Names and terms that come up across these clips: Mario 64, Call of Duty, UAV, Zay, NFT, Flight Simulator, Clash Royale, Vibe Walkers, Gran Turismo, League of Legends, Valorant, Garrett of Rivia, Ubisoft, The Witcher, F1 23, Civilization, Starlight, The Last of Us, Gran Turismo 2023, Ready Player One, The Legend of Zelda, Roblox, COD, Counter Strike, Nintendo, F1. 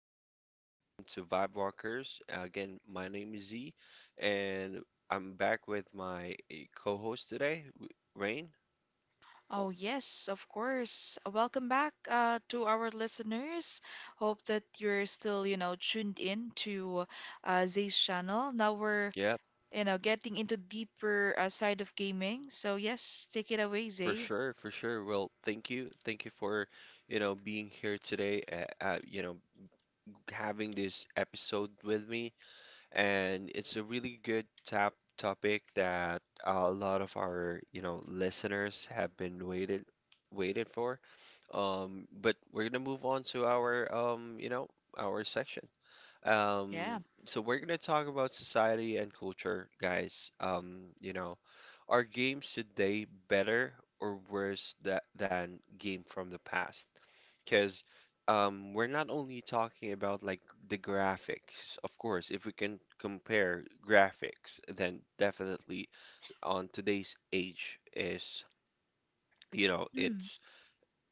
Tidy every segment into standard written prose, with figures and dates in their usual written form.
Welcome to Vibe Walkers. Again, my name is Z, and I'm back with my co-host today, Rain. Oh, yes, of course. Welcome back to our listeners. Hope that you're still, you know, tuned in to Zay's channel. Yeah, You know, getting into deeper side of gaming. So yes, take it away, for Zay. sure, for sure. Well, thank you for, being here today. Uh, uh, you know, having this episode with me. And it's a really good tap topic that a lot of our, you know, listeners have been waited for. But we're gonna move on to our our section. Yeah. So we're gonna talk about society and culture, guys. You know, are games today better or worse than game from the past? Because we're not only talking about like the graphics, of course. If we can compare graphics, then definitely on today's age is you know Mm, it's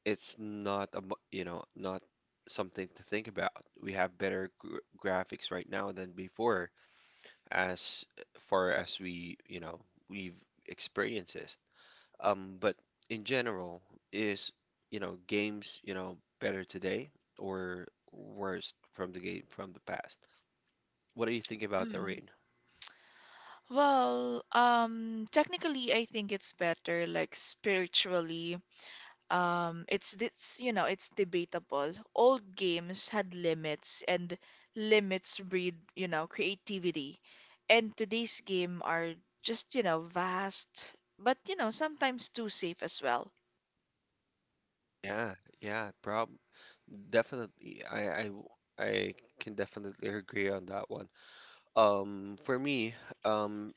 it's not a, mu- you know, not something to think about. We have better gr graphics right now than before, as far as we, you know, we've experienced this. But in general, is, you know, games, you know, better today or worse from the game from the past? What do you think about the mm. rain? Well, technically, I think it's better, like spiritually. It's you know it's debatable. Old games had limits, and limits breed you know creativity, and today's game are just you know vast, but you know sometimes too safe as well. Yeah, yeah, prob definitely. I can definitely agree on that one. For me, um,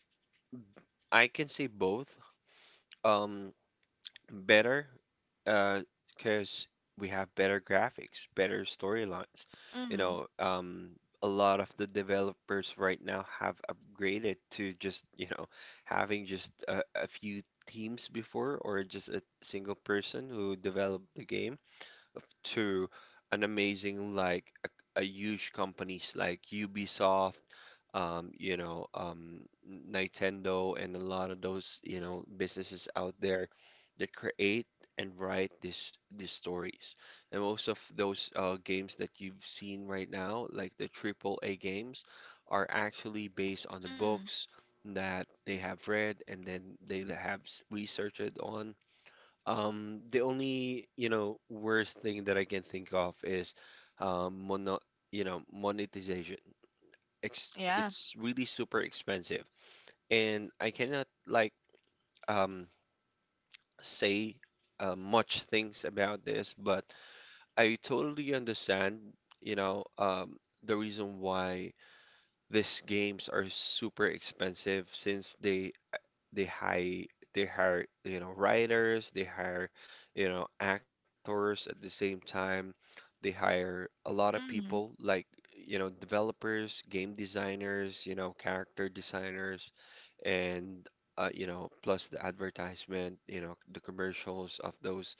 I can say both. Um, better, uh, because we have better graphics, better storylines. You Mm, know, a lot of the developers right now have upgraded to just, you know, having just a few teams before or just a single person who developed the game to an amazing like a huge companies like Ubisoft, um, you know, um, Nintendo, and a lot of those you know businesses out there that create and write this these stories. And most of those games that you've seen right now, like the triple A games, are actually based on the mm, books that they have read and then they have researched on the only, you know, worst thing that I can think of is um, mono, you know, monetization. Ex yeah. It's really super expensive, and I cannot like um, say much things about this, but I totally understand, you know, the reason why these games are super expensive since they They hire they hire, you know, writers, they hire, you know, actors at the same time. They hire a lot of Mm, people like, you know, developers, game designers, you know, character designers and you know, plus the advertisement, you know, the commercials of those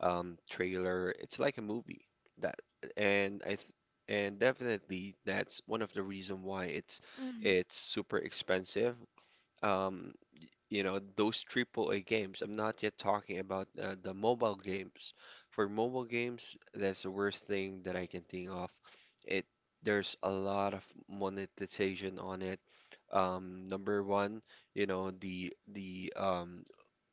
trailer. It's like a movie that, and I th and definitely that's one of the reason why mm, it's super expensive. Um, you know those triple A games. I'm not yet talking about the mobile games. For mobile games, that's the worst thing that I can think of. It there's a lot of monetization on it. Number one, you know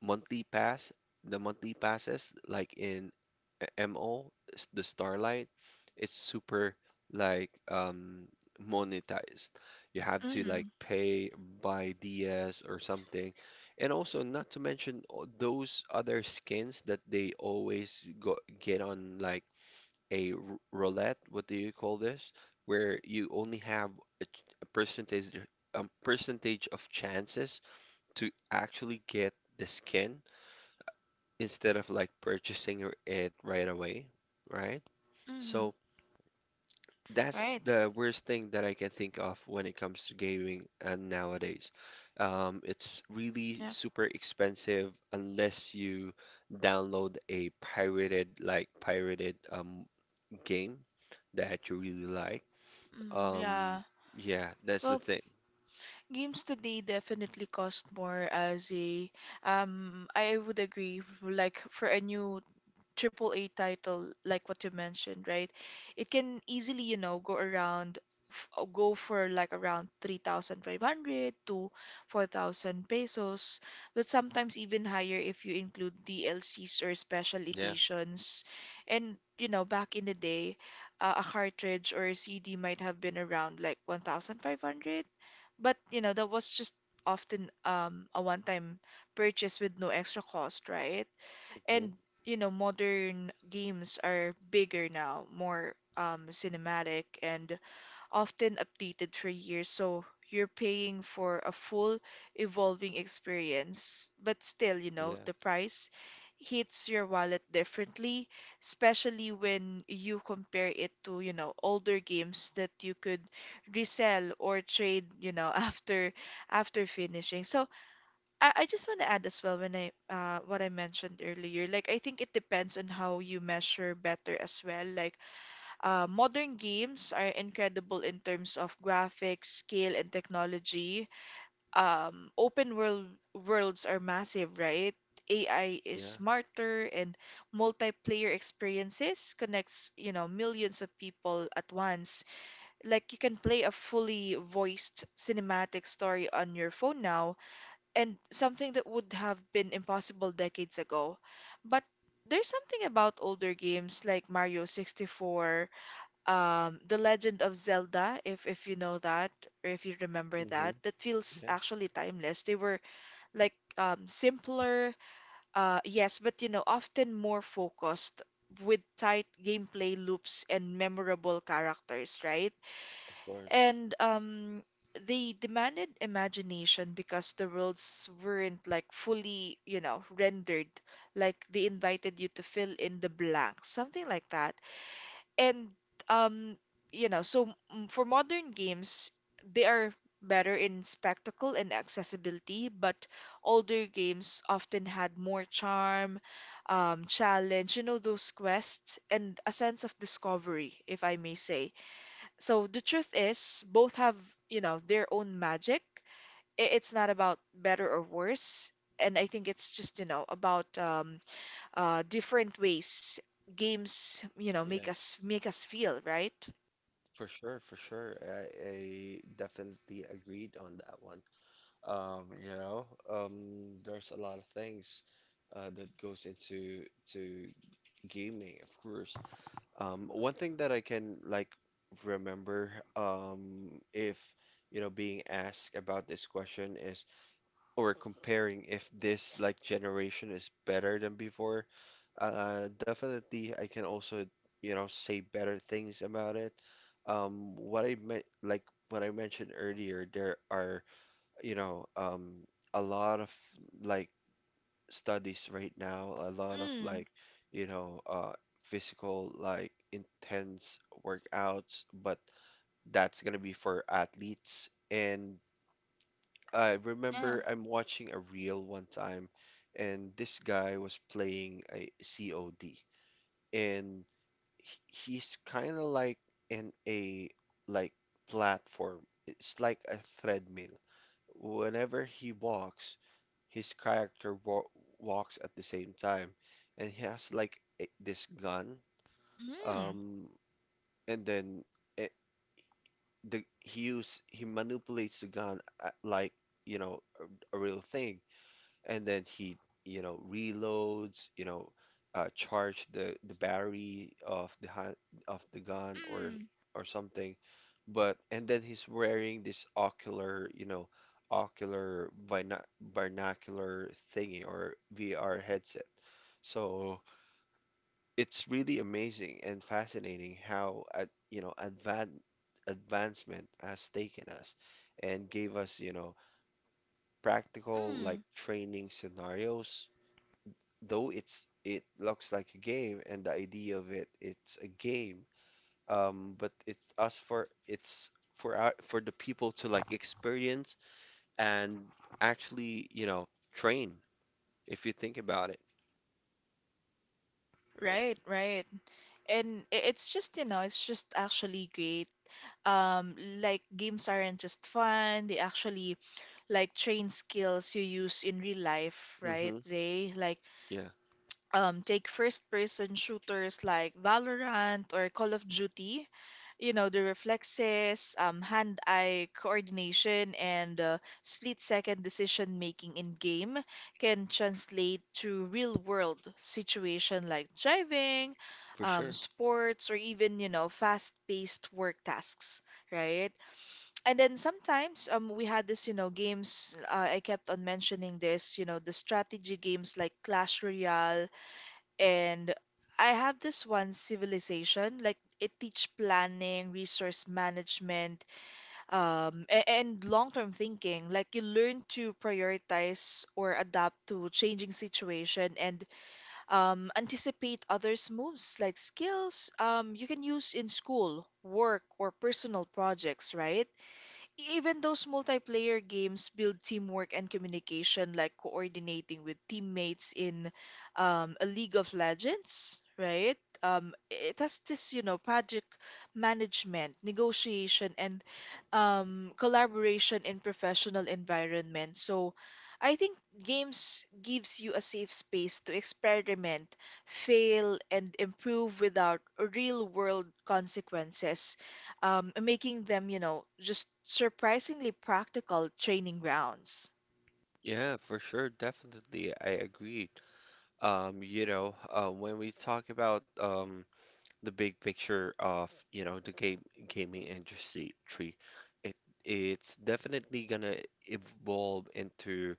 monthly pass, the monthly passes like in MO, the Starlight, it's super like monetized. You have to like mm, pay by DS or something, and also, not to mention all those other skins that they always go get on like a r- roulette, what do you call this? Where you only have a, ch- a percentage a percentage of chances to actually get the skin instead of like purchasing it right away, right? mm, So that's right. the worst thing that I can think of when it comes to gaming and nowadays. It's really Yeah. super expensive unless you download a pirated like pirated game that you really like. Mm, Um, yeah. yeah, that's the Well, thing. games today definitely cost more as a I would agree like for a new triple A title like what you mentioned, right? It can easily, you know, go around go for like around 3,500 to 4,000 pesos, but sometimes even higher if you include DLCs or special Yeah. editions. And you know, back in the day, a cartridge or a CD might have been around like 1,500, but you know, that was just often a one-time purchase with no extra cost, right? Hmm. And you know modern games are bigger now, more cinematic and often updated for years, so you're paying for a full evolving experience. But still, you know, Yeah. the price hits your wallet differently, especially when you compare it to, you know, older games that you could resell or trade, you know, after after finishing. So I just want to add as well, when I what I mentioned earlier, like I think it depends on how you measure better as well. Like modern games are incredible in terms of graphics, scale and technology. Um, open world worlds are massive, right? AI is Yeah. smarter, and multiplayer experiences connects, you know, millions of people at once. Like you can play a fully voiced cinematic story on your phone now, and something that would have been impossible decades ago. But there's something about older games like Mario 64, The Legend of Zelda, if you know that, or if you remember that, Hmm. that feels Yeah. actually timeless. They were like simpler, yes, but you know, often more focused, with tight gameplay loops and memorable characters, right? Of course. And they demanded imagination because the worlds weren't like fully, you know, rendered. Like they invited you to fill in the blanks, something like that. And um, you know, so mm, for modern games, they are better in spectacle and accessibility, but older games often had more charm, challenge, you know, those quests and a sense of discovery, if I may say. So the truth is, both have, you know, their own magic. It's not about better or worse. And I think it's just, you know, about different ways games, you know, Yeah. make us feel, right? For sure. For sure. I definitely agreed on that one. You know, there's a lot of things that goes into to gaming, of course. One thing that I can like remember, if you know, being asked about this question is, or comparing if this like generation is better than before. Definitely, I can also, you know, say better things about it. What I meant, like what I mentioned earlier, there are you know, a lot of like studies right now, a lot of Mm, like, you know, physical like intense workouts, but that's gonna be for athletes. And I yeah. remember I'm watching a reel one time, and this guy was playing a COD, and he's kind of like in a like platform. It's like a treadmill. Whenever he walks, his character wa walks at the same time, and he has like this gun. Mm, Um, and then it, the he use he manipulates the gun like you know a real thing, and then he you know reloads you know charge the battery of the hand, of the gun mm, or something, but and then he's wearing this ocular you know ocular bina binocular thingy or VR headset, so it's really amazing and fascinating how at you know advancement has taken us and gave us you know practical like mm. training scenarios, though it's it looks like a game and the idea of it it's a game, but it's for our, for the people to like experience and actually you know train if you think about it. Right, right. And it's just, you know, it's just actually great. Um, like games aren't just fun, they actually like train skills you use in real life, right? Mm-hmm. They like Yeah, take first person shooters like Valorant or Call of Duty. You know, the reflexes, hand-eye coordination, and split-second decision making in game can translate to real-world situation like driving, for sure. sports, or even, you know, fast-paced work tasks, right? And then sometimes um, we had this, you know, games I kept on mentioning this, you know, the strategy games like Clash Royale, and I have this one, Civilization. Like it teach planning, resource management, um, and long-term thinking. Like you learn to prioritize or adapt to changing situation, and anticipate others moves, like skills you can use in school work or personal projects, right? Even those multiplayer games build teamwork and communication, like coordinating with teammates in, a League of Legends, right? It has this, you know, project management, negotiation, and collaboration in professional environment. So, I think games gives you a safe space to experiment, fail, and improve without real-world consequences, making them, you know, just surprisingly practical training grounds. Yeah, for sure, definitely, I agree. Um, you know, when we talk about the big picture of, you know, the game gaming industry. It it's definitely gonna evolve into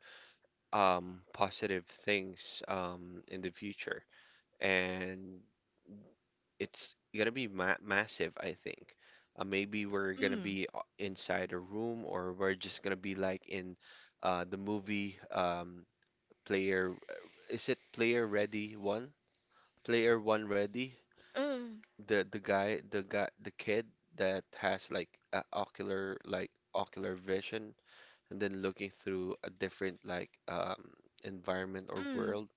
positive things in the future. And it's gonna be ma massive, I think. Maybe we're gonna Mm, be inside a room, or we're just gonna be like in the movie player is it Player Ready One? Player One Ready? mm, The kid that has like a ocular like ocular vision, and then looking through a different like environment or mm. world.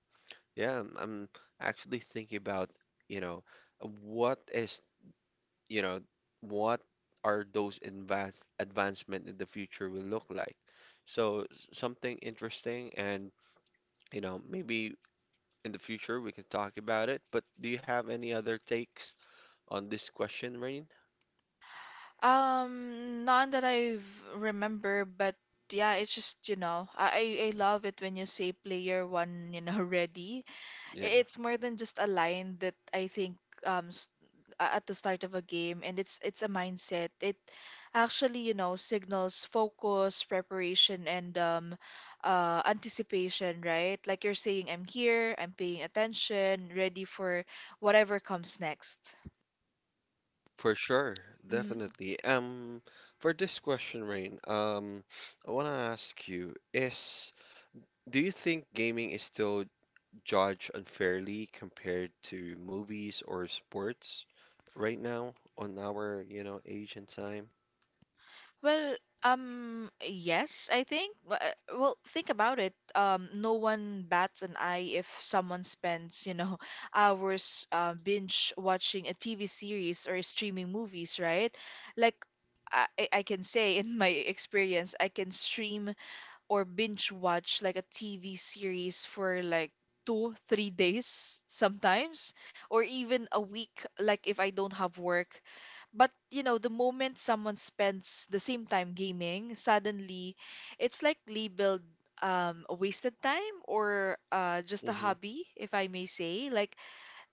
Yeah I'm actually thinking about you know what is you know what are those advanced advancement in the future will look like, so something interesting, and you know maybe in the future we can talk about it. But do you have any other takes on this question, Rain? None that I remember, but yeah, it's just, you know, I love it when you say player one, you know, ready. Yeah, It's more than just a line that I think um s- at the start of a game, and it's a mindset. It actually, you know, signals focus, preparation and anticipation, right? Like you're saying, I'm here, I'm paying attention, ready for whatever comes next. for sure, Mm-hmm. definitely. For this question, Rain, I want to ask you, is do you think gaming is still judged unfairly compared to movies or sports right now on our, you know, age and time? Well, yes, I think. Well, think about it. No one bats an eye if someone spends, you know, hours binge watching a TV series or streaming movies, right? Like, I can say in my experience, I can stream or binge watch like a TV series for like two, 3 days sometimes, or even a week, like if I don't have work. But you know, the moment someone spends the same time gaming, suddenly it's like labeled a wasted time, or just a Hmm. hobby, if I may say. Like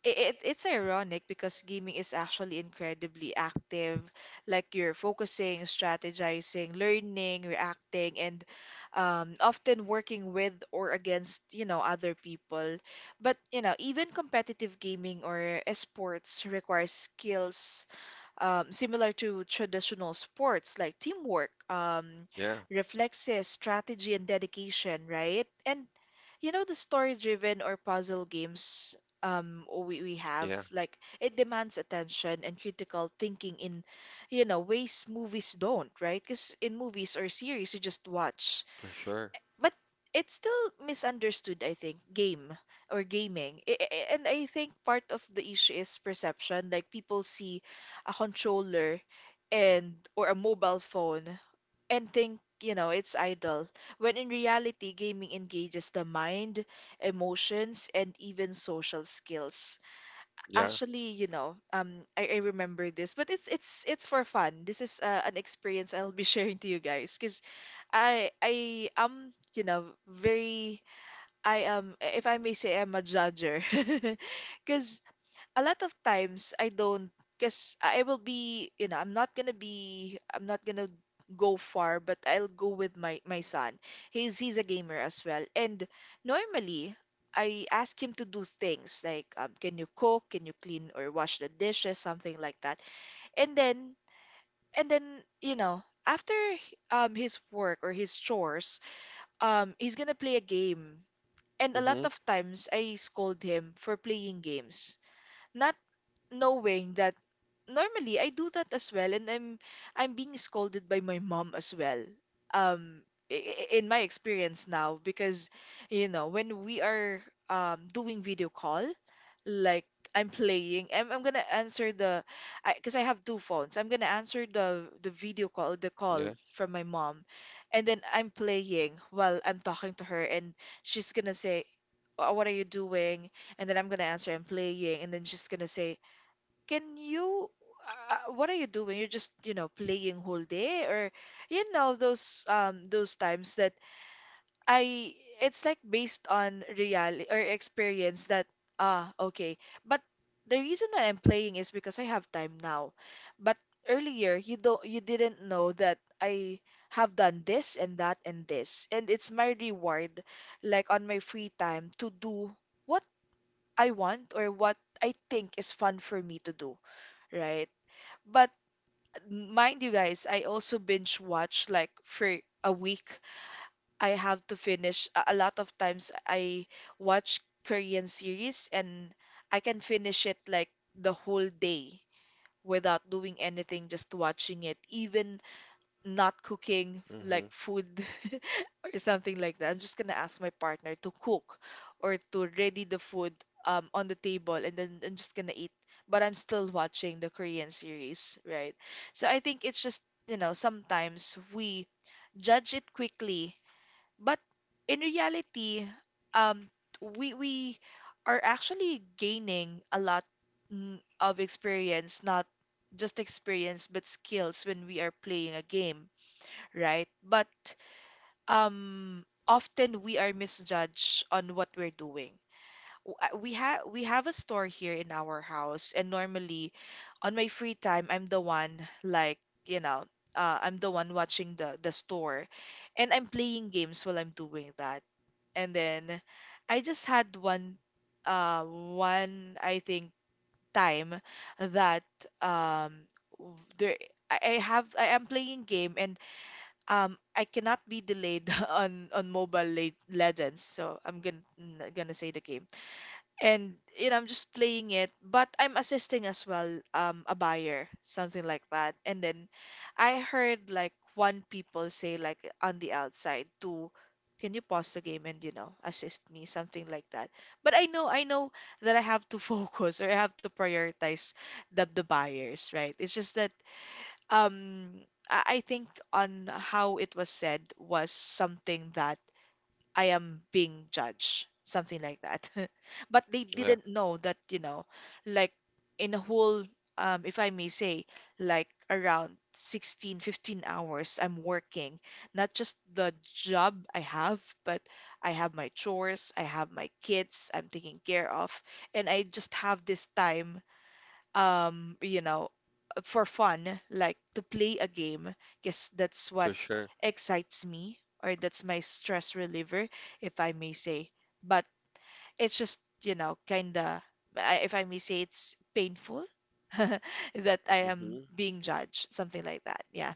it's ironic because gaming is actually incredibly active. Like you're focusing, strategizing, learning, reacting, and often working with or against, you know, other people. But you know, even competitive gaming or esports requires skills similar to traditional sports, like teamwork, Yeah, reflexes, strategy, and dedication, right? And you know, the story-driven or puzzle games, we have, yeah. like, it demands attention and critical thinking in, you know, ways movies don't, right? Because in movies or series, you just watch, For sure. but it's still misunderstood, I think, game or gaming. And I think part of the issue is perception. Like people see a controller, and or a mobile phone, and think, you know, it's idle, when in reality gaming engages the mind, emotions and even social skills. Yeah. Actually, you know, um, I remember this, but it's it's for fun. This is an experience I'll be sharing to you guys because I am, you know, very, I am, if I may say, I'm a judger. Cause a lot of times I don't, because I will be, you know, I'm not gonna go far, but I'll go with my son. He's a gamer as well. And normally I ask him to do things like, can you cook, can you clean, or wash the dishes, something like that. And then and then, you know, after his work or his chores, he's gonna play a game, and a lot Mm-hmm. of times I scold him for playing games, not knowing that normally I do that as well, and I'm being scolded by my mom as well. Um, in my experience now, because you know, when we are, doing video call, like I'm playing, I'm gonna answer the, I because I have two phones, I'm gonna answer the video call, the call Yeah. from my mom, and then I'm playing while I'm talking to her, and she's gonna say, what are you doing?" And then I'm gonna answer, I'm playing. And then she's gonna say, can you, what are you doing? You're just, you know, playing whole day? Or, you know, those um, those times that I, it's like based on reality or experience that ah, okay. But the reason why I'm playing is because I have time now. But earlier you don't, you didn't know that I have done this and that and this, and it's my reward, like on my free time, to do what I want, or what I think is fun for me to do, right? But mind you guys, I also binge watch like for a week. I have to finish a lot of times I watch Korean series, and I can finish it like the whole day without doing anything, just watching it. Even not cooking Mm-hmm. like food. Or something like that. I'm just gonna ask my partner to cook or to ready the food on the table, and then I'm just gonna eat. But I'm still watching the Korean series, right? So I think it's just, you know, sometimes we judge it quickly, but in reality, um, we are actually gaining a lot, mm, of experience. Not just experience, but skills when we are playing a game, right? But often we are misjudged on what we're doing. We have a store here in our house, and normally, on my free time, I'm the one, like, you know, I'm the one watching the store, and I'm playing games while I'm doing that. And then I just had one, one I think time that um w- there I have I am playing game and I cannot be delayed on Mobile Legends, so I'm gonna say the game. And you know, I'm just playing it, but I'm assisting as well, a buyer, something like that. And then I heard like one people say like on the outside to, can you pause the game and you know assist me, something like that. But I know that I have to focus or I have to prioritize the buyers, right? It's just that um I think on how it was said was something that I am being judged, something like that. But they Yeah. didn't know that, you know, like in a whole, if I may say, like around 16, 15 hours, I'm working. Not just the job I have, but I have my chores, I have my kids I'm taking care of, and I just have this time you know, for fun, like to play a game, because that's For what sure. excites me, or that's my stress reliever, if I may say. But it's just, you know, kinda, if I may say, it's painful that I Mm-hmm. am being judged, something like that. Yeah.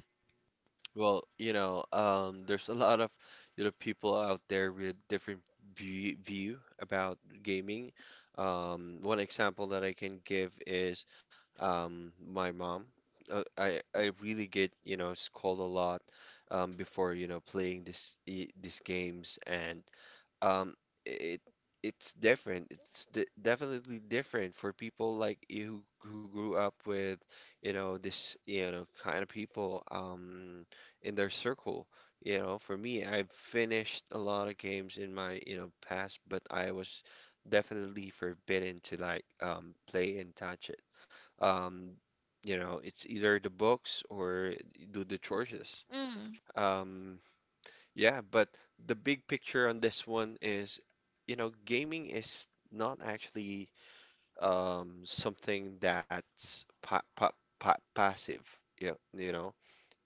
Well, you know, there's a lot of, you know, people out there with different view about gaming. One example that I can give is, my mom. I really get, you know, scolded a lot, before, you know, playing these games, and um it it's d definitely different for people like you who grew up with you know this you know kind of people in their circle. You know, for me, I've finished a lot of games in my you know past, but I was definitely forbidden to like play and touch it, um you know it's either the books or do the chores, Mm, um yeah. But the big picture on this one is, you know, gaming is not actually something that's pa pa pa passive. Yeah, you know,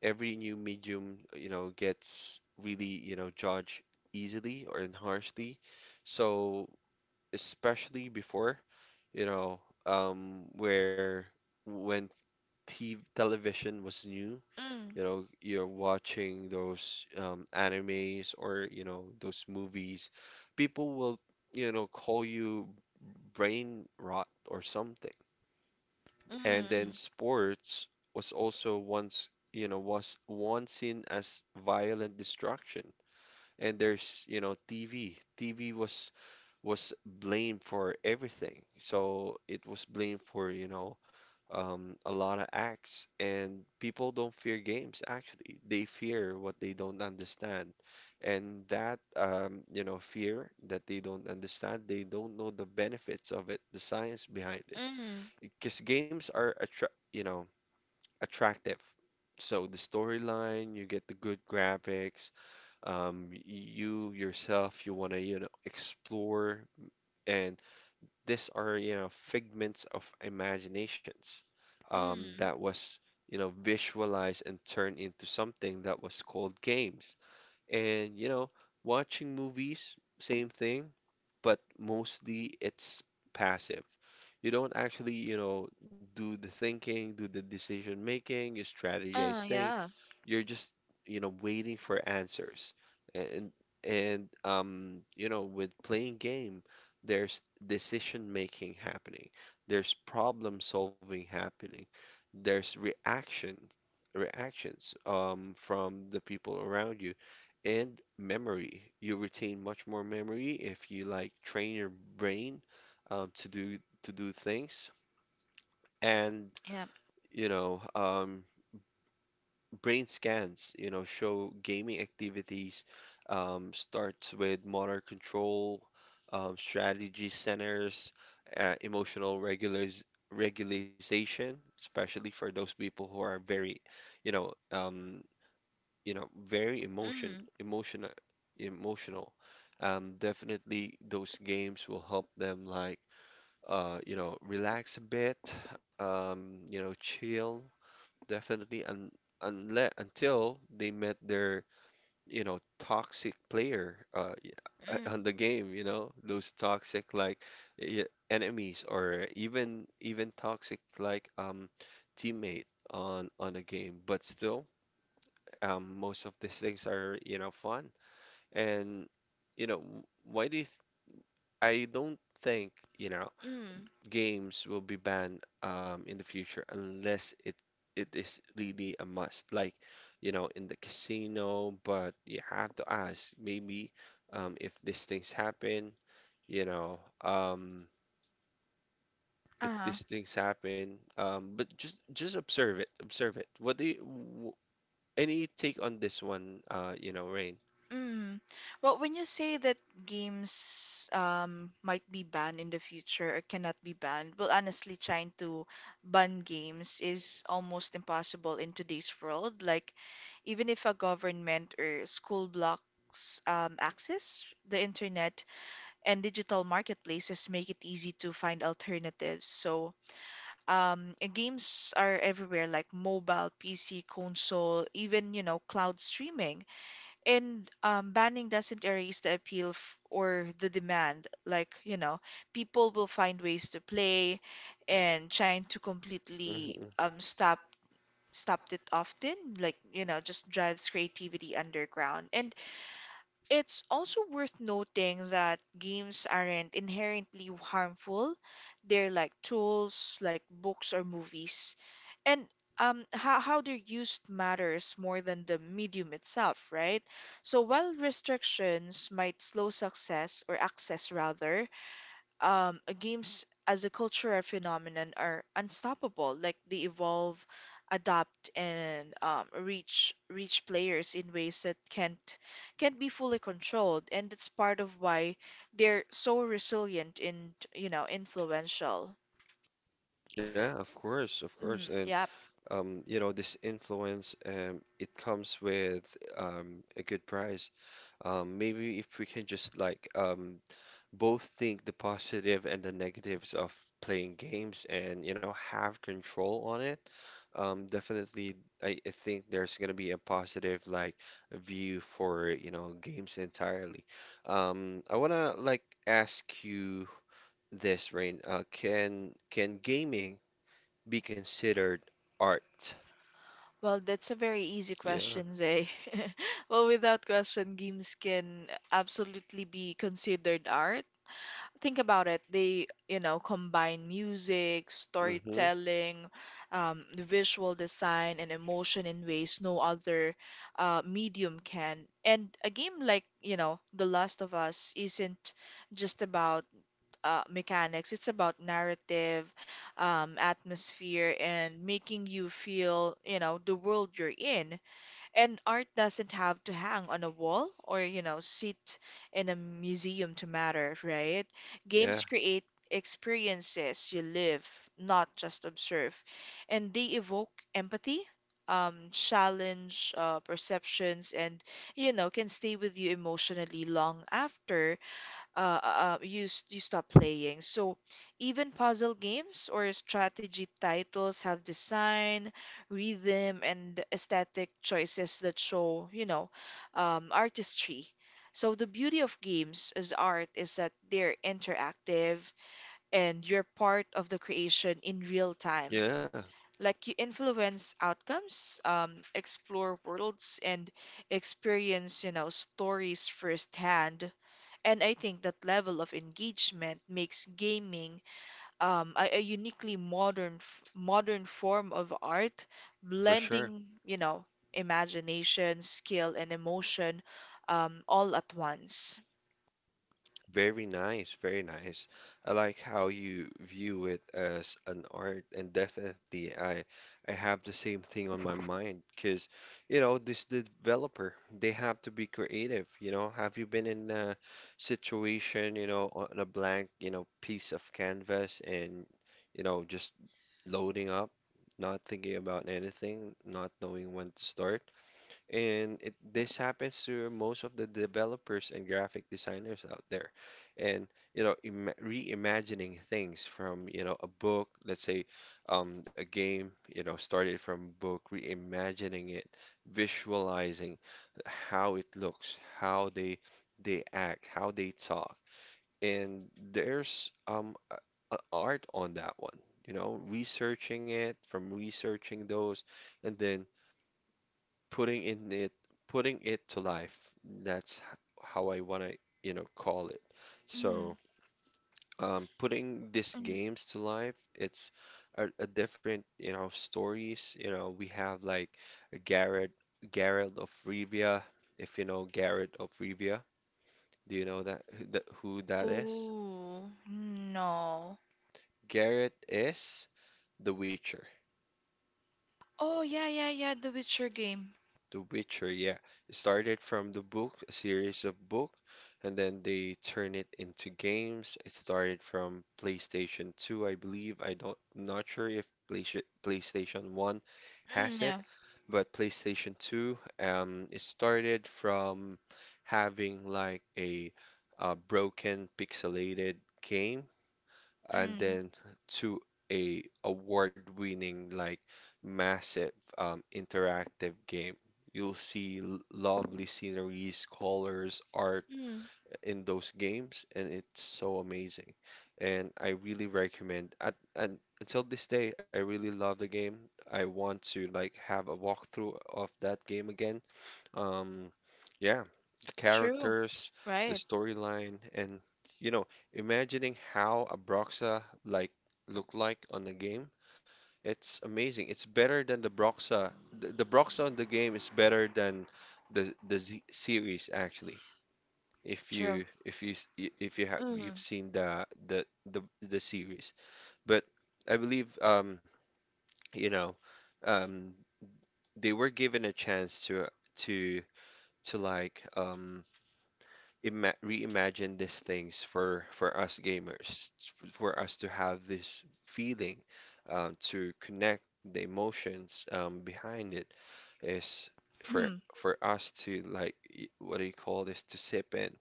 every new medium, you know, gets really, you know, judged easily or harshly. So especially before, you know, where when t television was new, mm, you know, you're watching those animes or, you know, those movies. People will, you know, call you brain rot or something. And mm, then sports was also you know, was once seen as violent destruction. And there's, you know, TV. Was blamed for everything. So it was blamed for, you know, a lot of acts. And people don't fear games, actually. They fear what they don't understand. And that, you know, fear that they don't understand, they don't know the benefits of it, the science behind it. mm, Because games are, attra you know, attractive. So the storyline, you get the good graphics, you yourself, you want to, you know, explore, and these are you know figments of imaginations mm. that was you know visualized and turned into something that was called games. And, you know, watching movies, same thing, but mostly it's passive. You don't actually, you know, do the thinking, do the decision making, you strategize Ah, thing. yeah, You're just, you know, waiting for answers. And and you know, with playing game, there's decision making happening. There's problem solving happening. There's reactions from the people around you and memory. You retain much more memory if you like train your brain um, to do to do things. And yeah. you know, um, brain scans, show gaming activities, starts with motor control, strategy centers, emotional regulars regularization, especially for those people who are very, you know, um, you know, very emotion, Mm, emotional, emotional. Definitely those games will help them, like, you know, relax a bit, you know, chill, definitely. And unless until they met their, you know, toxic player, on mm, the game, you know, those toxic, like, e- enemies, or even toxic, like, teammate on a game. But still, most of these things are, you know, fun. And, you know, w- why do you th I don't think, you know, mm. games will be banned in the future unless it is really a must. Like, you know, in the casino. But you have to ask, maybe, if these things happen, you know, um, if Uh-huh. these things happen, but just observe it, observe it. What do you, w Any take on this one, you know, Rain? Mm. Well, when you say that games might be banned in the future or cannot be banned, well, honestly, trying to ban games is almost impossible in today's world. Like, even if a government or school blocks access, the internet and digital marketplaces make it easy to find alternatives. So, and games are everywhere, like mobile, PC, console, even, you know, cloud streaming. And banning doesn't erase the appeal f or the demand. Like, you know, people will find ways to play, and trying to completely stop stopped it often, like, you know, just drives creativity underground. And it's also worth noting that games aren't inherently harmful. They're like tools, like books or movies and how they're used matters more than the medium itself, right? So while restrictions might slow success or access rather, games as a cultural phenomenon are unstoppable. Like they evolve, adapt, and reach players in ways that can't be fully controlled. And that's part of why they're so resilient and you know influential. Yeah, of course, of course. Mm, And yeah. You know, this influence, it comes with a good price. Maybe if we can just, like, both think the positive and the negatives of playing games, and, you know, have control on it. Definitely I think there's gonna be a positive, like, view for, you know, games entirely. I wanna, like, ask you this, Rain. Can gaming be considered art. Well, that's a very easy Yeah. question, Zay. Well, without question, games can absolutely be considered art. Think about it. They, you know, combine music, Hmm. storytelling, the visual design, and emotion in ways no other medium can. And a game like, you know, The Last of Us isn't just about mechanics. It's about narrative, atmosphere, and making you feel, you know, the world you're in. And art doesn't have to hang on a wall or, you know, sit in a museum to matter, right? Yeah. Games create experiences you live, not just observe. And they evoke empathy. Challenge perceptions and you know can stay with you emotionally long after you stop playing. So even puzzle games or strategy titles have design, rhythm, and aesthetic choices that show, you know, artistry. So the beauty of games as art is that they're interactive and you're part of the creation in real time. Yeah. Like you influence outcomes, explore worlds, and experience, you know, stories firsthand. And I think that level of engagement makes gaming a uniquely modern modern form of art, For sure. blending, you know, imagination, skill, and emotion all at once. Very nice, very nice. I like how you view it as an art, and definitely I have the same thing on my mind, because, you know, this developer, they have to be creative. You know, have you been in a situation, you know, on a blank, you know, piece of canvas, and, you know, just loading up, not thinking about anything, not knowing when to start? And it this happens to most of the developers and graphic designers out there. And, you know, Im reimagining things from, you know, a book, let's say, a game, you know, started from a book, reimagining it, visualizing how it looks, how they act, how they talk. And there's art on that one, you know, researching it from researching those, and then putting in it putting it to life. That's h- how I want to, you know, call it. So, Mm, putting these mm. games to life, it's a different, you know, stories. You know, we have, like, Garrett Garrett of Rivia, if you know Garrett of Rivia. Do you know that, who that is? Oh, no. Garrett is The Witcher. Oh, yeah, yeah, yeah, the Witcher game. The Witcher, yeah. It started from the book, a series of book, and then they turn it into games. It started from PlayStation 2, I believe. I don't not sure if PlayStation 1 has Mm, it, yeah. but PlayStation 2, it started from having like a, broken pixelated game, and Mm, then to a award-winning, like, massive, interactive game. You'll see lovely sceneries, colors, art mm. in those games, and it's so amazing. And I really recommend. And until this day, I really love the game. I want to, like, have a walkthrough of that game again, um, yeah, the True. characters, the Right. storyline, and, you know, imagining how a Broxa, like, look like on the game, it's amazing. It's better than the Broxa. The Broxa on the game is better than the Z series, actually. True. If if you have Mm, you've seen the the series, but I believe you know um they were given a chance to to to, like, ima reimagine these things for us gamers, for us to have this feeling, to connect the emotions, behind it, is for mm. for us to, like, y- what do you call this to sip in.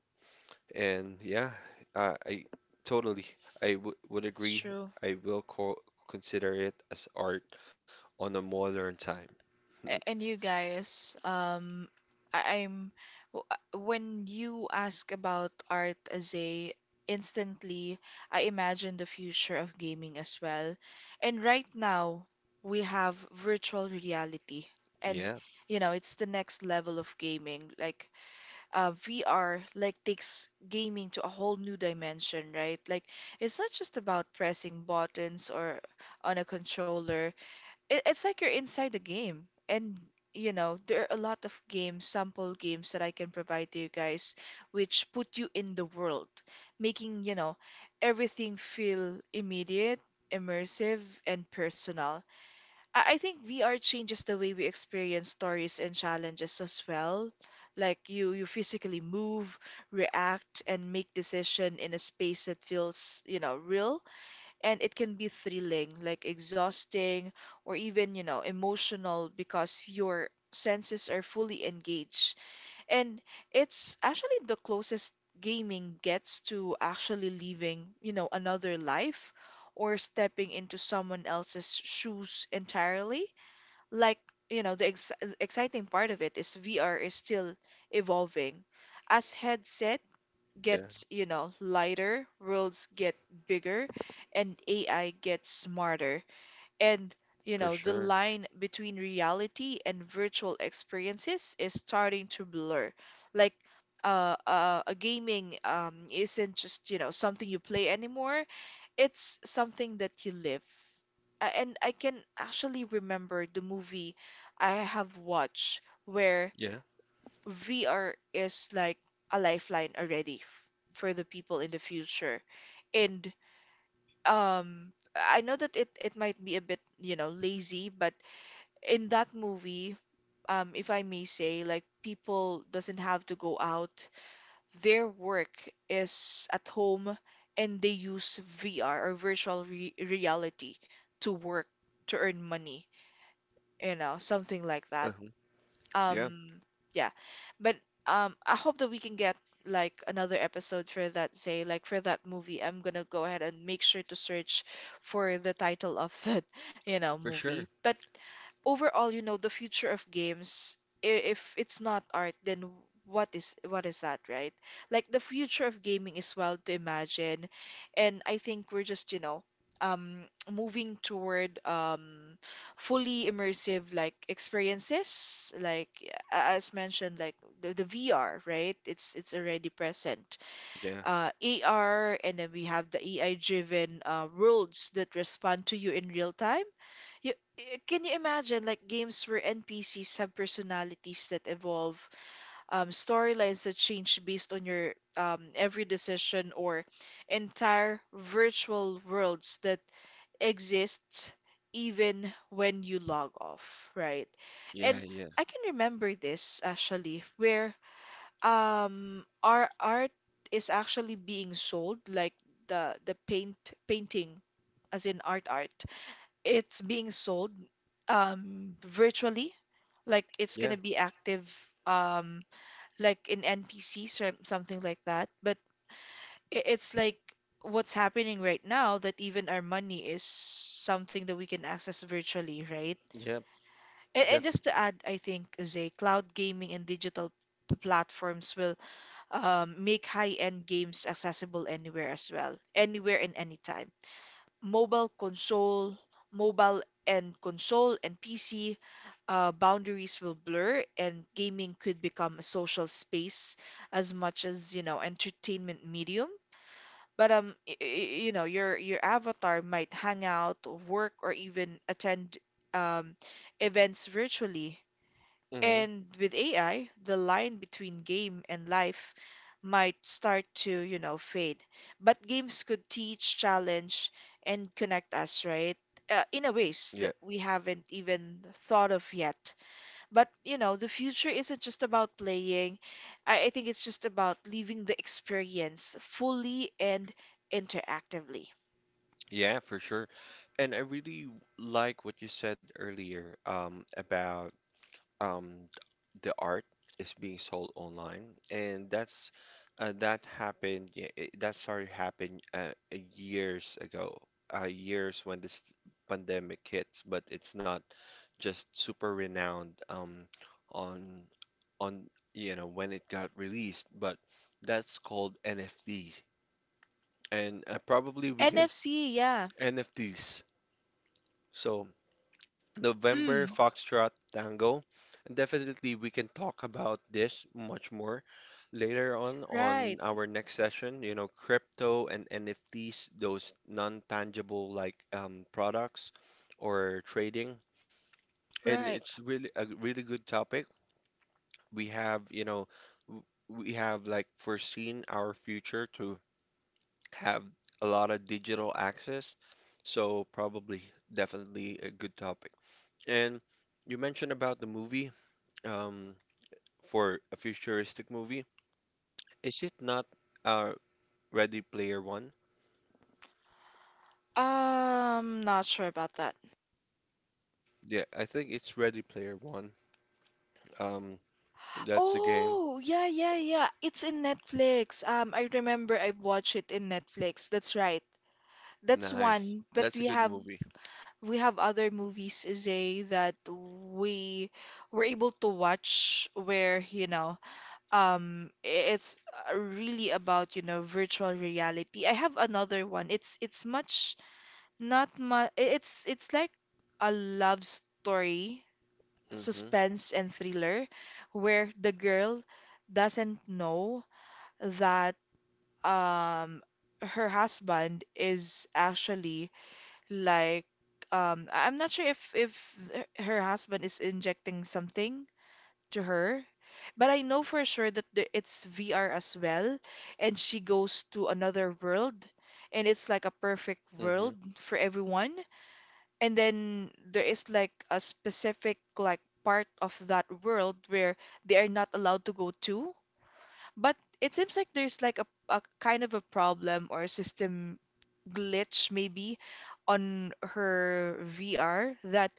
And yeah, I totally I w would It's agree. true. I will co consider it as art on a modern time. And you guys, I- I'm when you ask about art as a instantly, I imagine the future of gaming as well. And right now, we have virtual reality, and Yeah, you know, it's the next level of gaming. Like, VR like takes gaming to a whole new dimension, right? Like, it's not just about pressing buttons or on a controller it, it's like you're inside the game and you know there are a lot of games sample games that I can provide to you guys which put you in the world making you know everything feel immediate immersive and personal I think VR changes the way we experience stories and challenges as well like you physically move react and make decision in a space that feels you know real and it can be thrilling, like exhausting or even, you know, emotional because your senses are fully engaged. And it's actually the closest gaming gets to actually living, you know, another life or stepping into someone else's shoes entirely. Like, you know, the ex exciting part of it is VR is still evolving. As headset yeah, gets, you know, lighter, worlds get bigger, and AI gets smarter. And, you for know, the sure. line between reality and virtual experiences is starting to blur. Like, a gaming isn't just, you know, something you play anymore. It's something that you live. And I can actually remember the movie I have watched where Yeah, VR is like a lifeline already for the people in the future. And I know that it might be a bit, you know, lazy, but in that movie, if I may say, like people doesn't have to go out. Their work is at home and they use VR or virtual re reality to work, to earn money, you know, something like that. uh-huh. Yeah, Um, yeah. But I hope that we can get like another episode for that, say, like for that movie. I'm gonna go ahead and make sure to search for the title of that, you know, for sure. movie. But overall, you know, the future of games, if it's not art, then what is that, right? Like the future of gaming is wild to imagine, and I think we're just, you know, moving toward fully immersive like experiences, like as mentioned, like the VR, right? It's already present. Yeah. AR, and then we have the AI-driven worlds that respond to you in real time can you imagine like games where NPCs have personalities that evolve, storylines that change based on your every decision, or entire virtual worlds that exist even when you log off, right? Yeah, And yeah, I can remember this actually, where our art is actually being sold, like the painting, as in art it's being sold virtually like it's yeah, gonna be active um like in NPCs or something like that but it's like what's happening right now that even our money is something that we can access virtually right yeah, and definitely. just to add I think is a cloud gaming and digital platforms will make high-end games accessible anywhere as well anywhere and anytime mobile console, mobile and console and PC, boundaries will blur and gaming could become a social space as much as, you know, entertainment medium. But you know, your avatar might hang out, work, or even attend um, events virtually. Hmm. And with AI, the line between game and life might start to, you know, fade. But games could teach, challenge, and connect us, right? In a ways Yeah, that we haven't even thought of yet. But, you know, the future isn't just about playing. I think it's just about living the experience fully and interactively. yeah, for sure. And I really like what you said earlier, about um, the art is being sold online, and that's that happened. Yeah, that started happening, years ago, years when this pandemic hits. But it's not just super renowned, on on, you know, when it got released, but that's called NFT. And probably we can NFC, yeah. NFTs. So November Mm, Foxtrot Tango. And definitely we can talk about this much more later on right, our next session. You know, crypto and NFTs, those non-tangible, like, products or trading. And right. it's really a really good topic. We have, you know, w- we have, like, foreseen our future to have a lot of digital access. So probably, definitely a good topic. And you mentioned about the movie, um, for a futuristic movie. Is it not, uh, Ready Player One? Not sure about that. Yeah, I think it's Ready Player One. Um, that's the game. Oh, yeah, yeah, yeah. It's in Netflix. I remember I watched it in Netflix. That's right. That's Nice. one, but That's a good movie. we have other movies, Zay, that we were able to watch where, you know, um i- it's really about, you know, virtual reality. I have another one. It's much not much it's like a love story Mm-hmm. suspense and thriller where the girl doesn't know that um her husband is actually like I'm not sure if her husband is injecting something to her, but I know for sure that the, it's VR as well, and she goes to another world, and it's like a perfect Mm-hmm. world for everyone and then there is like a specific like part of that world where they are not allowed to go to. But it seems like there's like a kind of a problem or a system glitch maybe on her VR that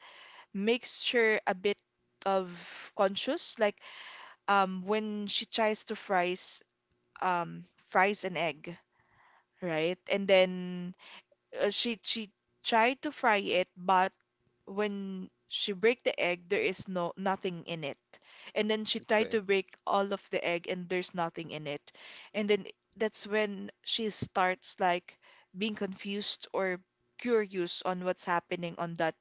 makes her a bit of conscious. Like when she tries to fries an egg, right? And then she tried to fry it, but when she break the egg, there is no nothing in it. And then she tried Okay. to break all of the egg, and there's nothing in it. And then that's when she starts being confused or curious on what's happening on that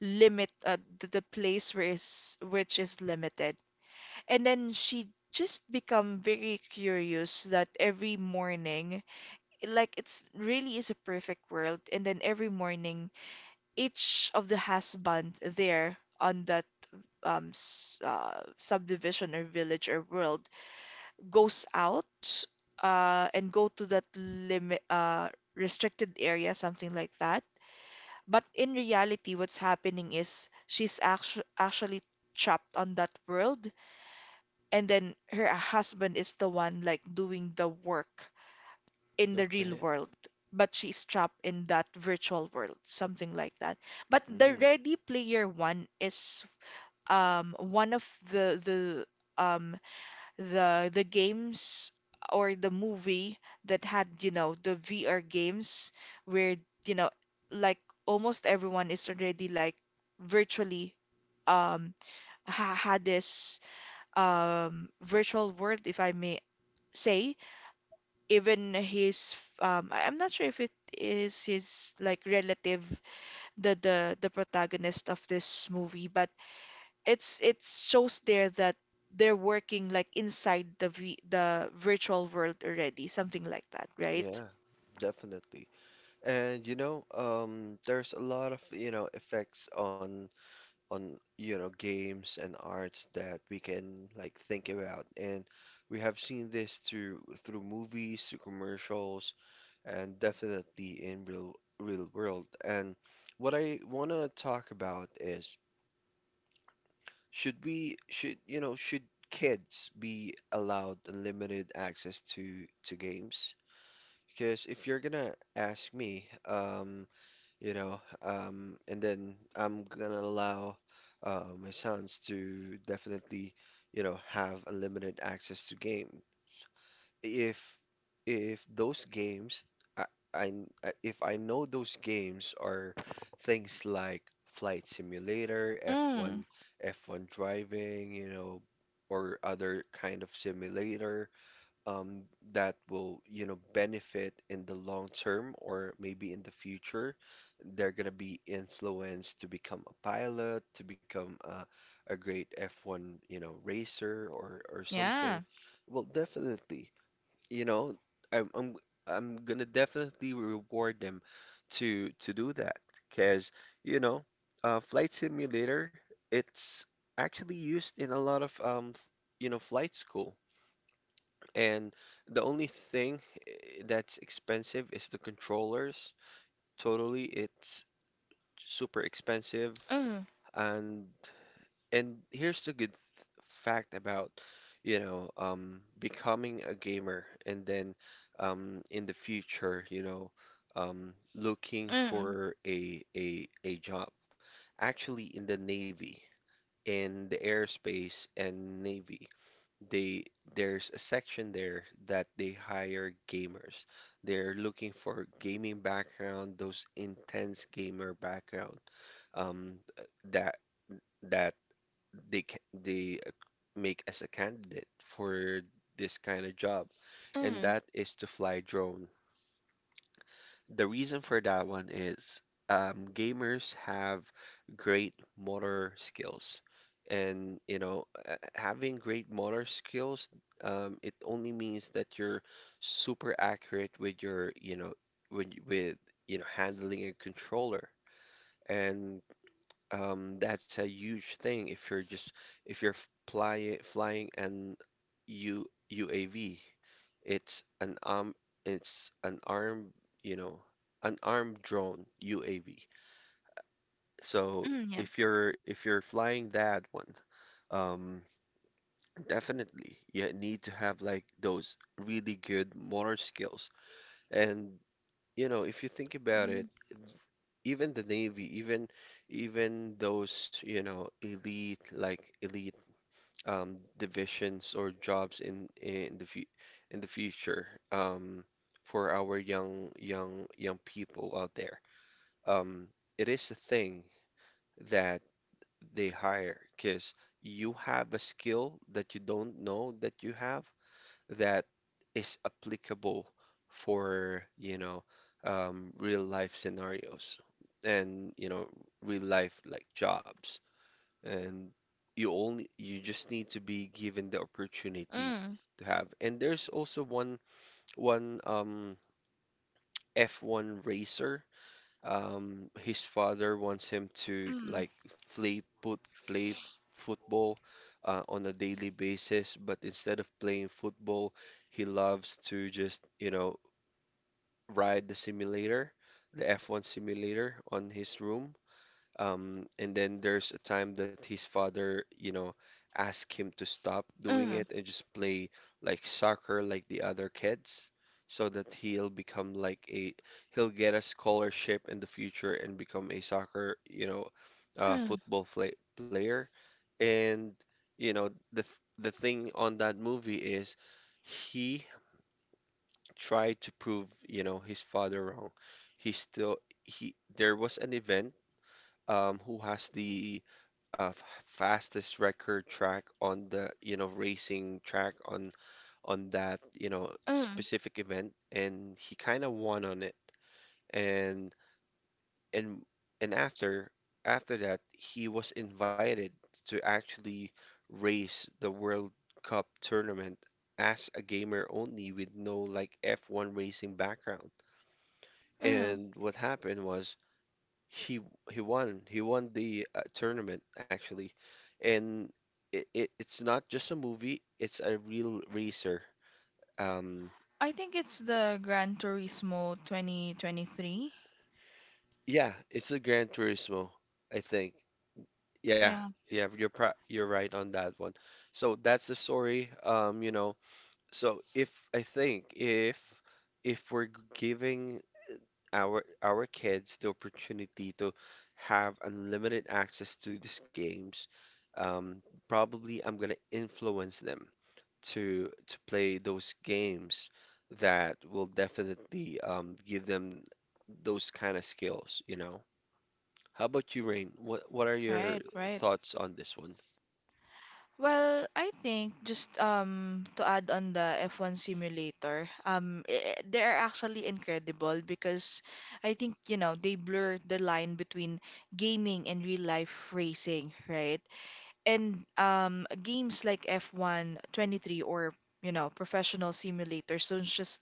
limit, the place where is which is limited. And then she just become very curious that every morning it's really is a perfect world, and then every morning each of the husband there on that subdivision or village or world goes out and go to that limit, restricted area, something like that. But in reality, what's happening is she's actually trapped on that world, and then her husband is the one like doing the work in the real Okay. world, but she's trapped in that virtual world, something like that. But the Mm. Ready Player One is one of the the um the games or the movie that had, you know, the VR games where, you know, like almost everyone is already like virtually um ha had this virtual world, if I may say. Even his I'm not sure if it is his like relative, the protagonist of this movie, but it shows there that they're working like inside the virtual world already, something like that, right? Yeah, definitely. And you know, there's a lot of, you know, effects on you know, games and arts that we can, like, think about. And we have seen this through movies, through commercials, and definitely in real world. And what I wanna talk about is should, you know, should kids be allowed unlimited access to games? Because if you're gonna ask me, and then I'm gonna allow, my sons to definitely, you know, have a limited access to game. If those games, I, I if I know those games are things like Flight Simulator, Mm. F1, F1 driving, you know, or other kind of simulator, um, that will, you know, benefit in the long term or maybe in the future. They're going to be influenced to become a pilot, to become a great F1, you know, racer or Yeah. something. Well, definitely, you know, I'm I'm I'm gonna definitely reward them to do that because, you know, Flight Simulator, it's actually used in a lot of, you know, flight school. And the only thing, that's expensive is the controllers. Totally, it's super expensive. Mm. And here's the good th fact about, you know, becoming a gamer, and then, in the future, you know, looking Mm. for a a job. Actually, in the Navy, in the airspace and Navy, they there's a section there that they hire gamers. They're looking for gaming background, those intense gamer background, um, that that they make as a candidate for this kind of job, and Mm. that is to fly drones. The reason for that one is, gamers have great motor skills. And, you know, having great motor skills, it only means that you're super accurate with your, you know, with, with, you know, handling a controller. And, that's a huge thing if you're just, if you're flying an U UAV. It's an it's an armed, you know, an armed drone UAV. So mm, yeah if you're flying that one, um, definitely you need to have like those really good motor skills. And you know, if you think about it, Mm. Even the Navy, even those, you know, elite, divisions or jobs in in the future, for our young people out there, um, it is a thing that they hire because you have a skill that you don't know that you have, that is applicable for, you know, real life scenarios, and, you know, real life, like, jobs. And you just need to be given the opportunity Mm. to have. And there's also one, F1 racer, his father wants him to, Mm. like, play put play football, on a daily basis. But instead of playing football, he loves to just, you know, ride the simulator, the F1 simulator on his room. And then there's a time that his father, you know, asked him to stop doing Mm. it and just play like soccer like the other kids, so that he'll become like a, he'll get a scholarship in the future and become a soccer, you know, Mm. Player. And you know, the th the thing on that movie is he tried to prove, you know, his father wrong. He still he there was an event, who has the, fastest record track on the, you know, racing track on that, you know, Mm. specific event, and he kind of won on it. And and after that, he was invited to actually race the World Cup tournament as a gamer only with no like F1 racing background. Mm. And what happened was he he won. He won the, tournament actually, and it's not just a movie. It's a real racer. Um, I think it's the Gran Turismo 2023. yeah, it's a Gran Turismo, I think. Yeah, Yeah. yeah, you're right on that one. So that's the story. So if I think if we're giving our kids the opportunity to have unlimited access to these games, um, probably I'm gonna influence them to play those games that will definitely give them those kind of skills, you know? How about you, Rain? What are your Right, right. thoughts on this one? Well, I think just to add on the F1 simulator, they are actually incredible because I think, you know, they blur the line between gaming and real life racing, right? And games like F1 23, or, you know, professional simulators don't just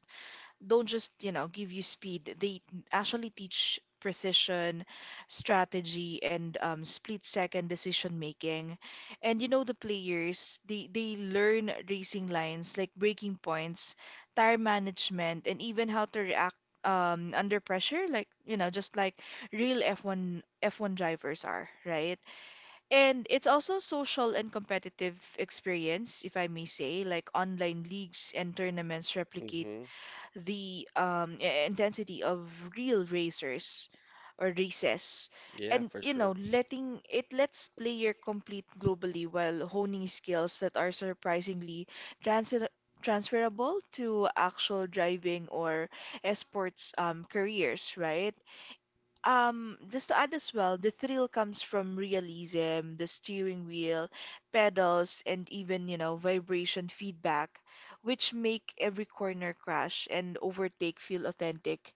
don't just, you know, give you speed. They actually teach precision, strategy, and split-second decision making. And you know, the players, they learn racing lines like breaking points, tire management, and even how to react under pressure, like, you know, just like real F1 drivers are, right? And it's also social and competitive experience, if I may say, like online leagues and tournaments replicate Mm-hmm. the intensity of real racers or races. Yeah, And for you sure. know, letting it lets player complete globally while honing skills that are surprisingly transi- transferable to actual driving or esports careers, right? Just to add as well, the thrill comes from realism, the steering wheel, pedals, and even, you know, vibration feedback, which make every corner crash and overtake feel authentic.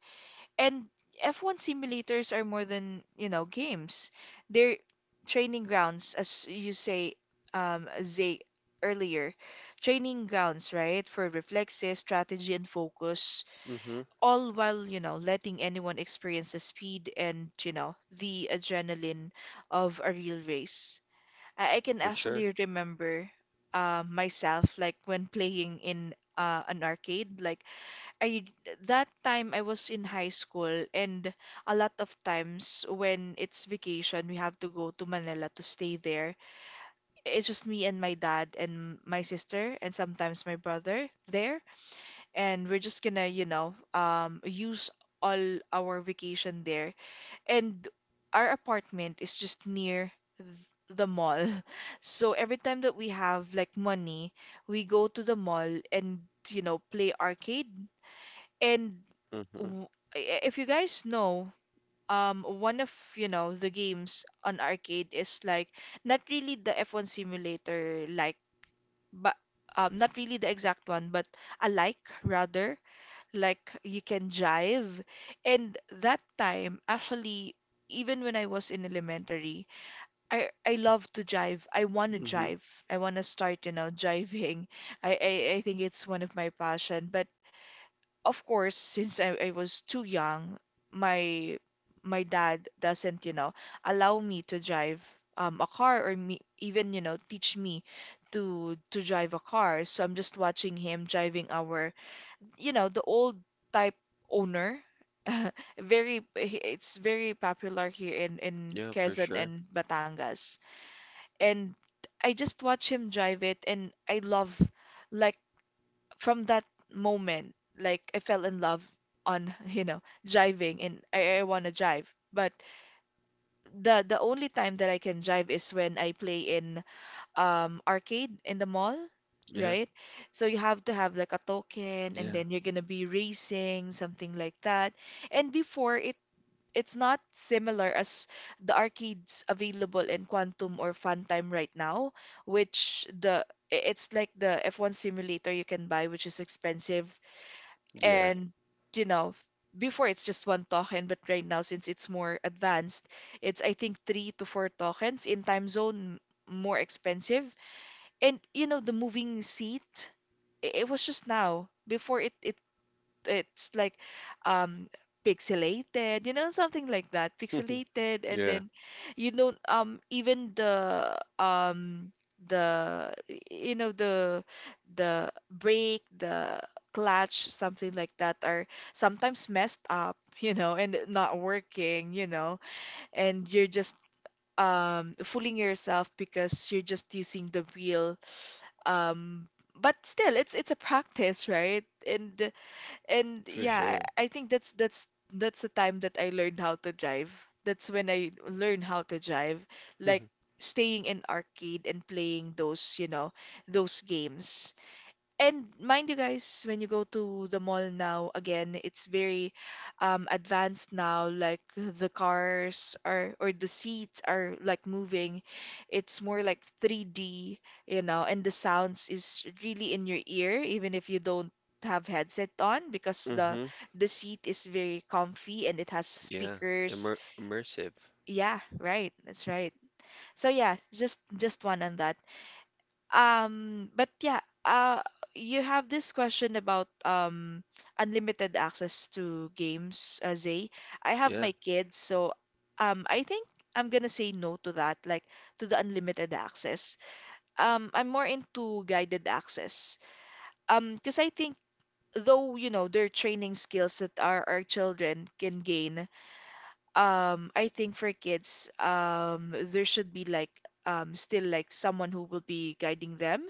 And F1 simulators are more than, you know, games. They're training grounds, as you say, Zay, earlier. Training grounds, right? For reflexes, strategy, and focus, Mm-hmm. all while, you know, letting anyone experience the speed and, you know, the adrenaline of a real race. I can For sure. actually remember myself like when playing in an arcade. Like I, that time I was in high school, and a lot of times when it's vacation we have to go to Manila to stay there. It's just me and my dad and my sister and sometimes my brother there, and we're just gonna, you know, use all our vacation there. And our apartment is just near the mall. So every time that we have like money, we go to the mall and, you know, play arcade. And Mm-hmm. w- if you guys know, one of, you know, the games on arcade is like not really the F1 simulator like, but not really the exact one, but alike, rather, like you can jive. And that time, actually, even when I was in elementary, I love to jive. I want to Mm-hmm. jive. I want to start, you know, jiving. I think it's one of my passion. But of course, since I was too young, my my dad doesn't, you know, allow me to drive a car, or me even, you know, teach me to drive a car. So I'm just watching him driving our, you know, the old type owner. Very, it's very popular here in Yeah, for Quezon sure. and Batangas. And I just watch him drive it, and I love, like, from that moment, like I fell in love on, you know, driving, and I want to drive. But the only time that I can drive is when I play in arcade in the mall, Yeah. right? So you have to have like a token, and Yeah. then you're gonna be racing, something like that. And before, it's not similar as the arcades available in Quantum or Funtime right now, which it's like the F1 simulator you can buy, which is expensive. Yeah. And you know, before it's just one token, but right now since it's more advanced, it's I think three to four tokens in time zone, more expensive. And you know, the moving seat, it was just now before it it's like um pixelated, you know, something like that, pixelated. And Yeah. then you know, even the, you know, the brake, the clutch, something like that, are sometimes messed up, you know, and not working, you know, and you're just fooling yourself because you're just using the wheel, um, but still, it's a practice, right? And For yeah, sure. I think that's the time that I learned how to drive. That's when I learned how to drive, like staying in arcade and playing those, you know, those games. And mind you guys, when you go to the mall now, again, it's very advanced now. Like the cars are, or the seats are like moving. It's more like 3D, you know, and the sounds is really in your ear, even if you don't have headset on, because the Mm-hmm. the seat is very comfy and it has Yeah. speakers. Immersive. Yeah, right. That's right. So yeah, just one on that. But yeah, you have this question about unlimited access to games, Zay. I have Yeah. my kids, so I think I'm gonna say no to that, like to the unlimited access. I'm more into guided access. Because I think though, you know, there are training skills that our children can gain. I think for kids, there should be like still like someone who will be guiding them,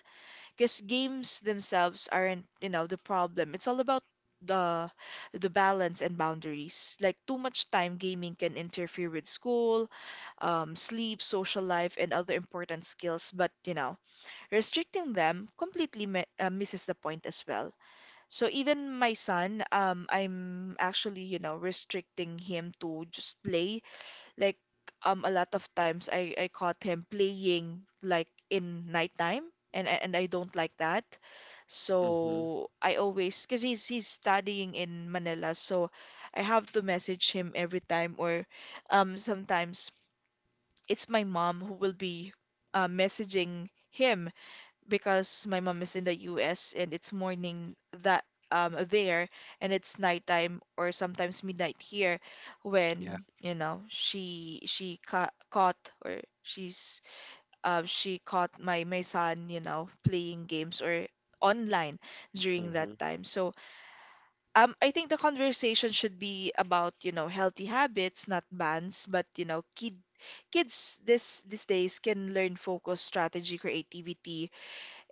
because games themselves aren't, you know, the problem. It's all about the the balance and boundaries. Like too much time gaming can interfere with school, sleep, social life, and other important skills. But you know, restricting them completely misses the point as well. So even my son, I'm actually, you know, restricting him to just play like, a lot of times I caught him playing like in nighttime, and I don't like that. Mm-hmm. So I always, because he's studying in Manila, so I have to message him every time, or sometimes it's my mom who will be messaging him, because my mom is in the US and it's morning that there, and it's nighttime or sometimes midnight here Yeah. when, you know, she ca caught, or she's she caught my son, you know, playing games or online during Mm-hmm. that time. So I think the conversation should be about, you know, healthy habits, not bans. But you know, kids this these days can learn focus, strategy, creativity,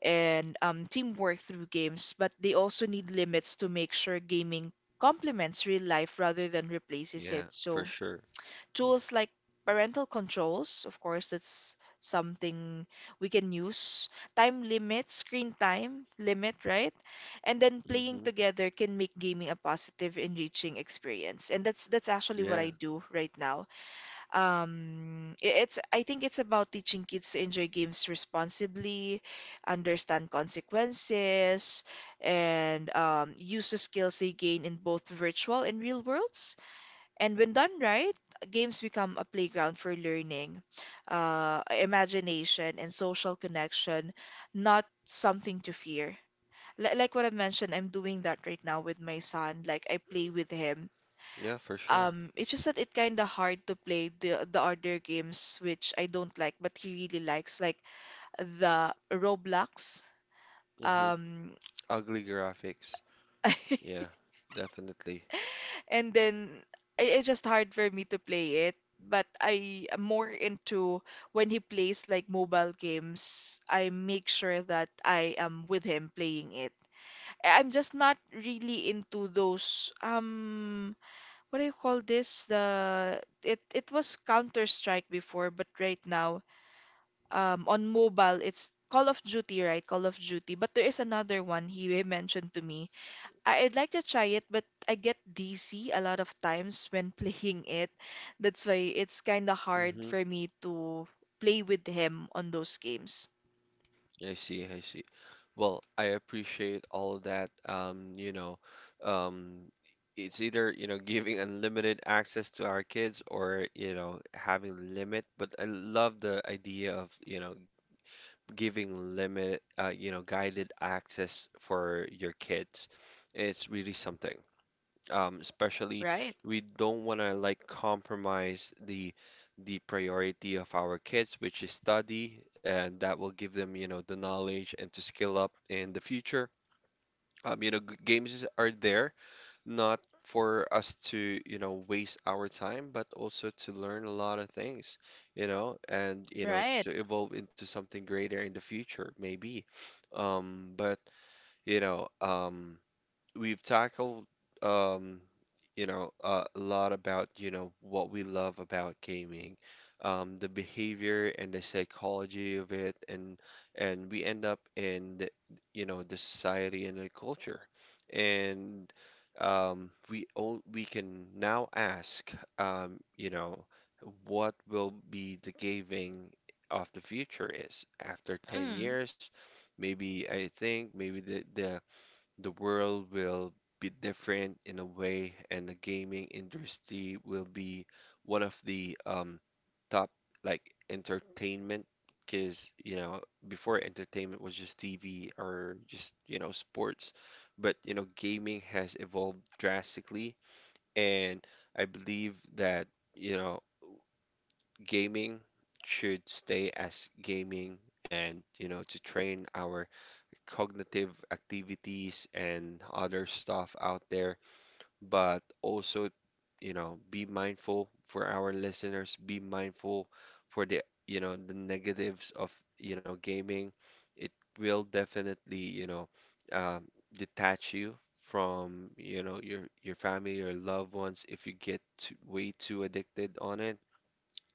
and teamwork through games, but they also need limits to make sure gaming complements real life rather than replaces it. Yeah, for So, sure. tools like parental controls, of course, that's something we can use, time limits, screen time limit, right? And then playing Mm-hmm. together can make gaming a positive, enriching experience. And that's actually what Yeah. I do right now. It's, I think, it's about teaching kids to enjoy games responsibly, understand consequences, and use the skills they gain in both virtual and real worlds. And when done right, games become a playground for learning, imagination, and social connection, not something to fear. Like what I mentioned, I'm doing that right now with my son. Like I play with him, Yeah, for sure. It's just that it kind of hard to play the other games which I don't like, but he really likes, like the Roblox. Mm-hmm. Um, Ugly graphics. Yeah, definitely. and then it's just hard for me to play it. But I am more into when he plays like mobile games, I make sure that I am with him playing it. I'm just not really into those what do you call this? The, it was Counter Strike before, but right now on mobile it's Call of Duty, right? Call of Duty. But there is another one he mentioned to me. I'd like to try it, but I get DC a lot of times when playing it. That's why it's kind of hard Mm-hmm. for me to play with him on those games. I see, I see. Well, I appreciate all of that. Um, it's either, you know, giving unlimited access to our kids or, you know, having limit. But I love the idea of, you know, giving limit, you know, guided access for your kids, it's really something. Especially Right, we don't want to like compromise the priority of our kids, which is study, and that will give them, you know, the knowledge and to skill up in the future. Games are there not for us to, you know, waste our time, but also to learn a lot of things, you know, and, you know, right. to evolve into something greater in the future, maybe. But, you know, we've tackled um you know a lot about you know what we love about gaming, the behavior and the psychology of it, and we end up in the, you know, the society and the culture, and we can now ask, you know, what will be the gaming of the future is after 10 Mm, years maybe. I think maybe the world will be different in a way, and the gaming industry will be one of the top like entertainment, because you know before entertainment was just TV or just you know sports, but you know gaming has evolved drastically, and I believe that you know gaming should stay as gaming and you know to train our cognitive activities and other stuff out there, but also, you know, be mindful for our listeners, be mindful for the, you know, the negatives of, you know, gaming. It will definitely, you know, um, detach you from, you know, your family, your loved ones if you get too, way too addicted on it.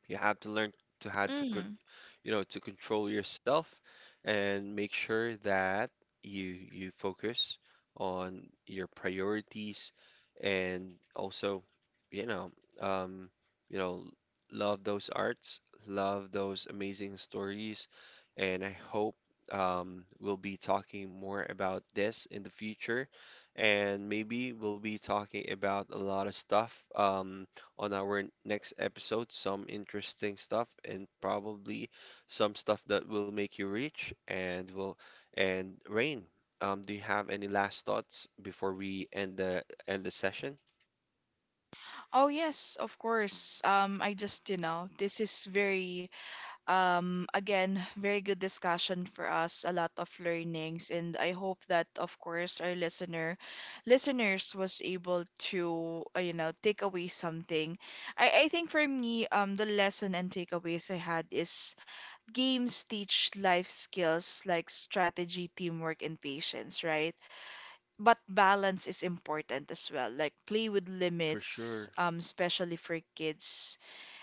You have to learn to had to co- mm. you know, to control yourself and make sure that you you focus on your priorities, and also, you know, um, you know, love those arts, love those amazing stories, and I hope we'll be talking more about this in the future, and maybe we'll be talking about a lot of stuff on our next episode, some interesting stuff, and probably some stuff that will make you rich and will and Rain, do you have any last thoughts before we end the session? Oh yes, of course. I just, you know, this is very. Again, very good discussion for us, a lot of learnings, and I hope that, of course, our listeners was able to, you know, take away something. I think for me, the lesson and takeaways I had is games teach life skills like strategy, teamwork, and patience, right? But balance is important as well. Like play with For limits, sure. Especially for kids.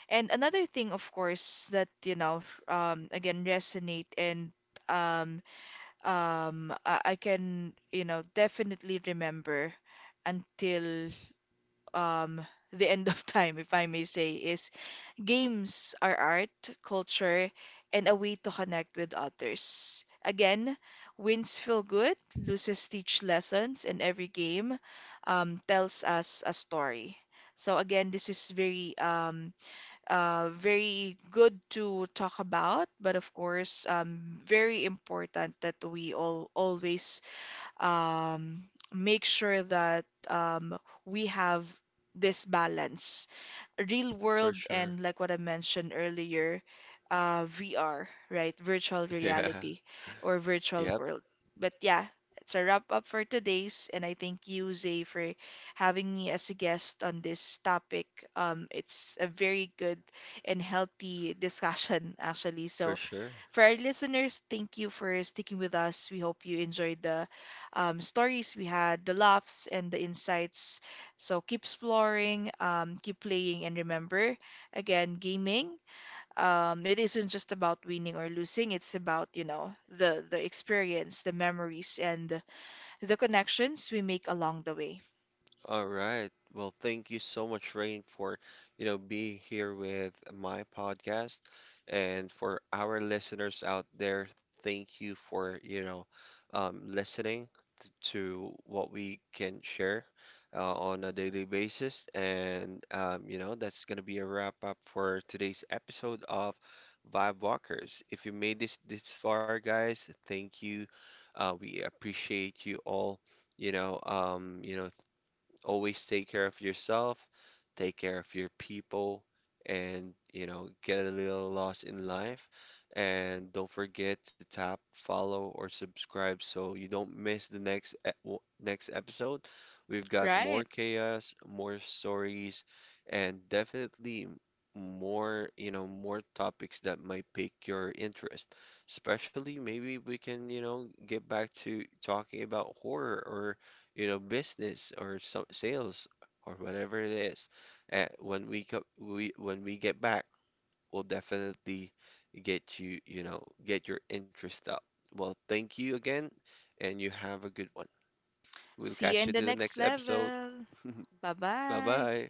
And another thing, of course, that you know, again, resonate and um, I can, you know, definitely remember until um the end of time, if I may say, is games are art, culture, and a way to connect with others. Again, wins feel good, loses teach lessons, and every game tells us a story. So again, this is very very good to talk about, but of course, very important that we all always um, make sure that we have this balance, real For world, sure. and like what I mentioned earlier, VR, right? Virtual Yeah. reality or Yep. virtual world. But yeah, it's a wrap up for today's, and I thank you, Zay, for having me as a guest on this topic. It's a very good and healthy discussion, actually. For So sure. for our listeners, thank you for sticking with us. We hope you enjoyed the stories we had, the laughs, and the insights. So keep exploring, keep playing, and remember, again, gaming. It isn't just about winning or losing. It's about, you know, the experience, the memories, and the connections we make along the way. All right. Well, thank you so much, Rain, for, you know, being here with my podcast. And for our listeners out there, thank you for, you know, listening to what we can share on a daily basis. And, you know, that's going to be a wrap up for today's episode of Vibe Walkers. If you made this far, guys, thank you. We appreciate you all. You know, always take care of yourself, take care of your people, and you know, get a little lost in life. And don't forget to tap follow or subscribe so you don't miss the next e- w- next episode. We've got more Right. chaos, more stories, and definitely more, you know, more topics that might pique your interest. Especially maybe we can, you know, get back to talking about horror, or you know, business, or some sales or whatever it is. When we get back, we'll definitely get you, you know, get your interest up. Well, thank you again, and you have a good one. We'll See you catch in you the to the next next episode. level. Bye Bye bye. bye.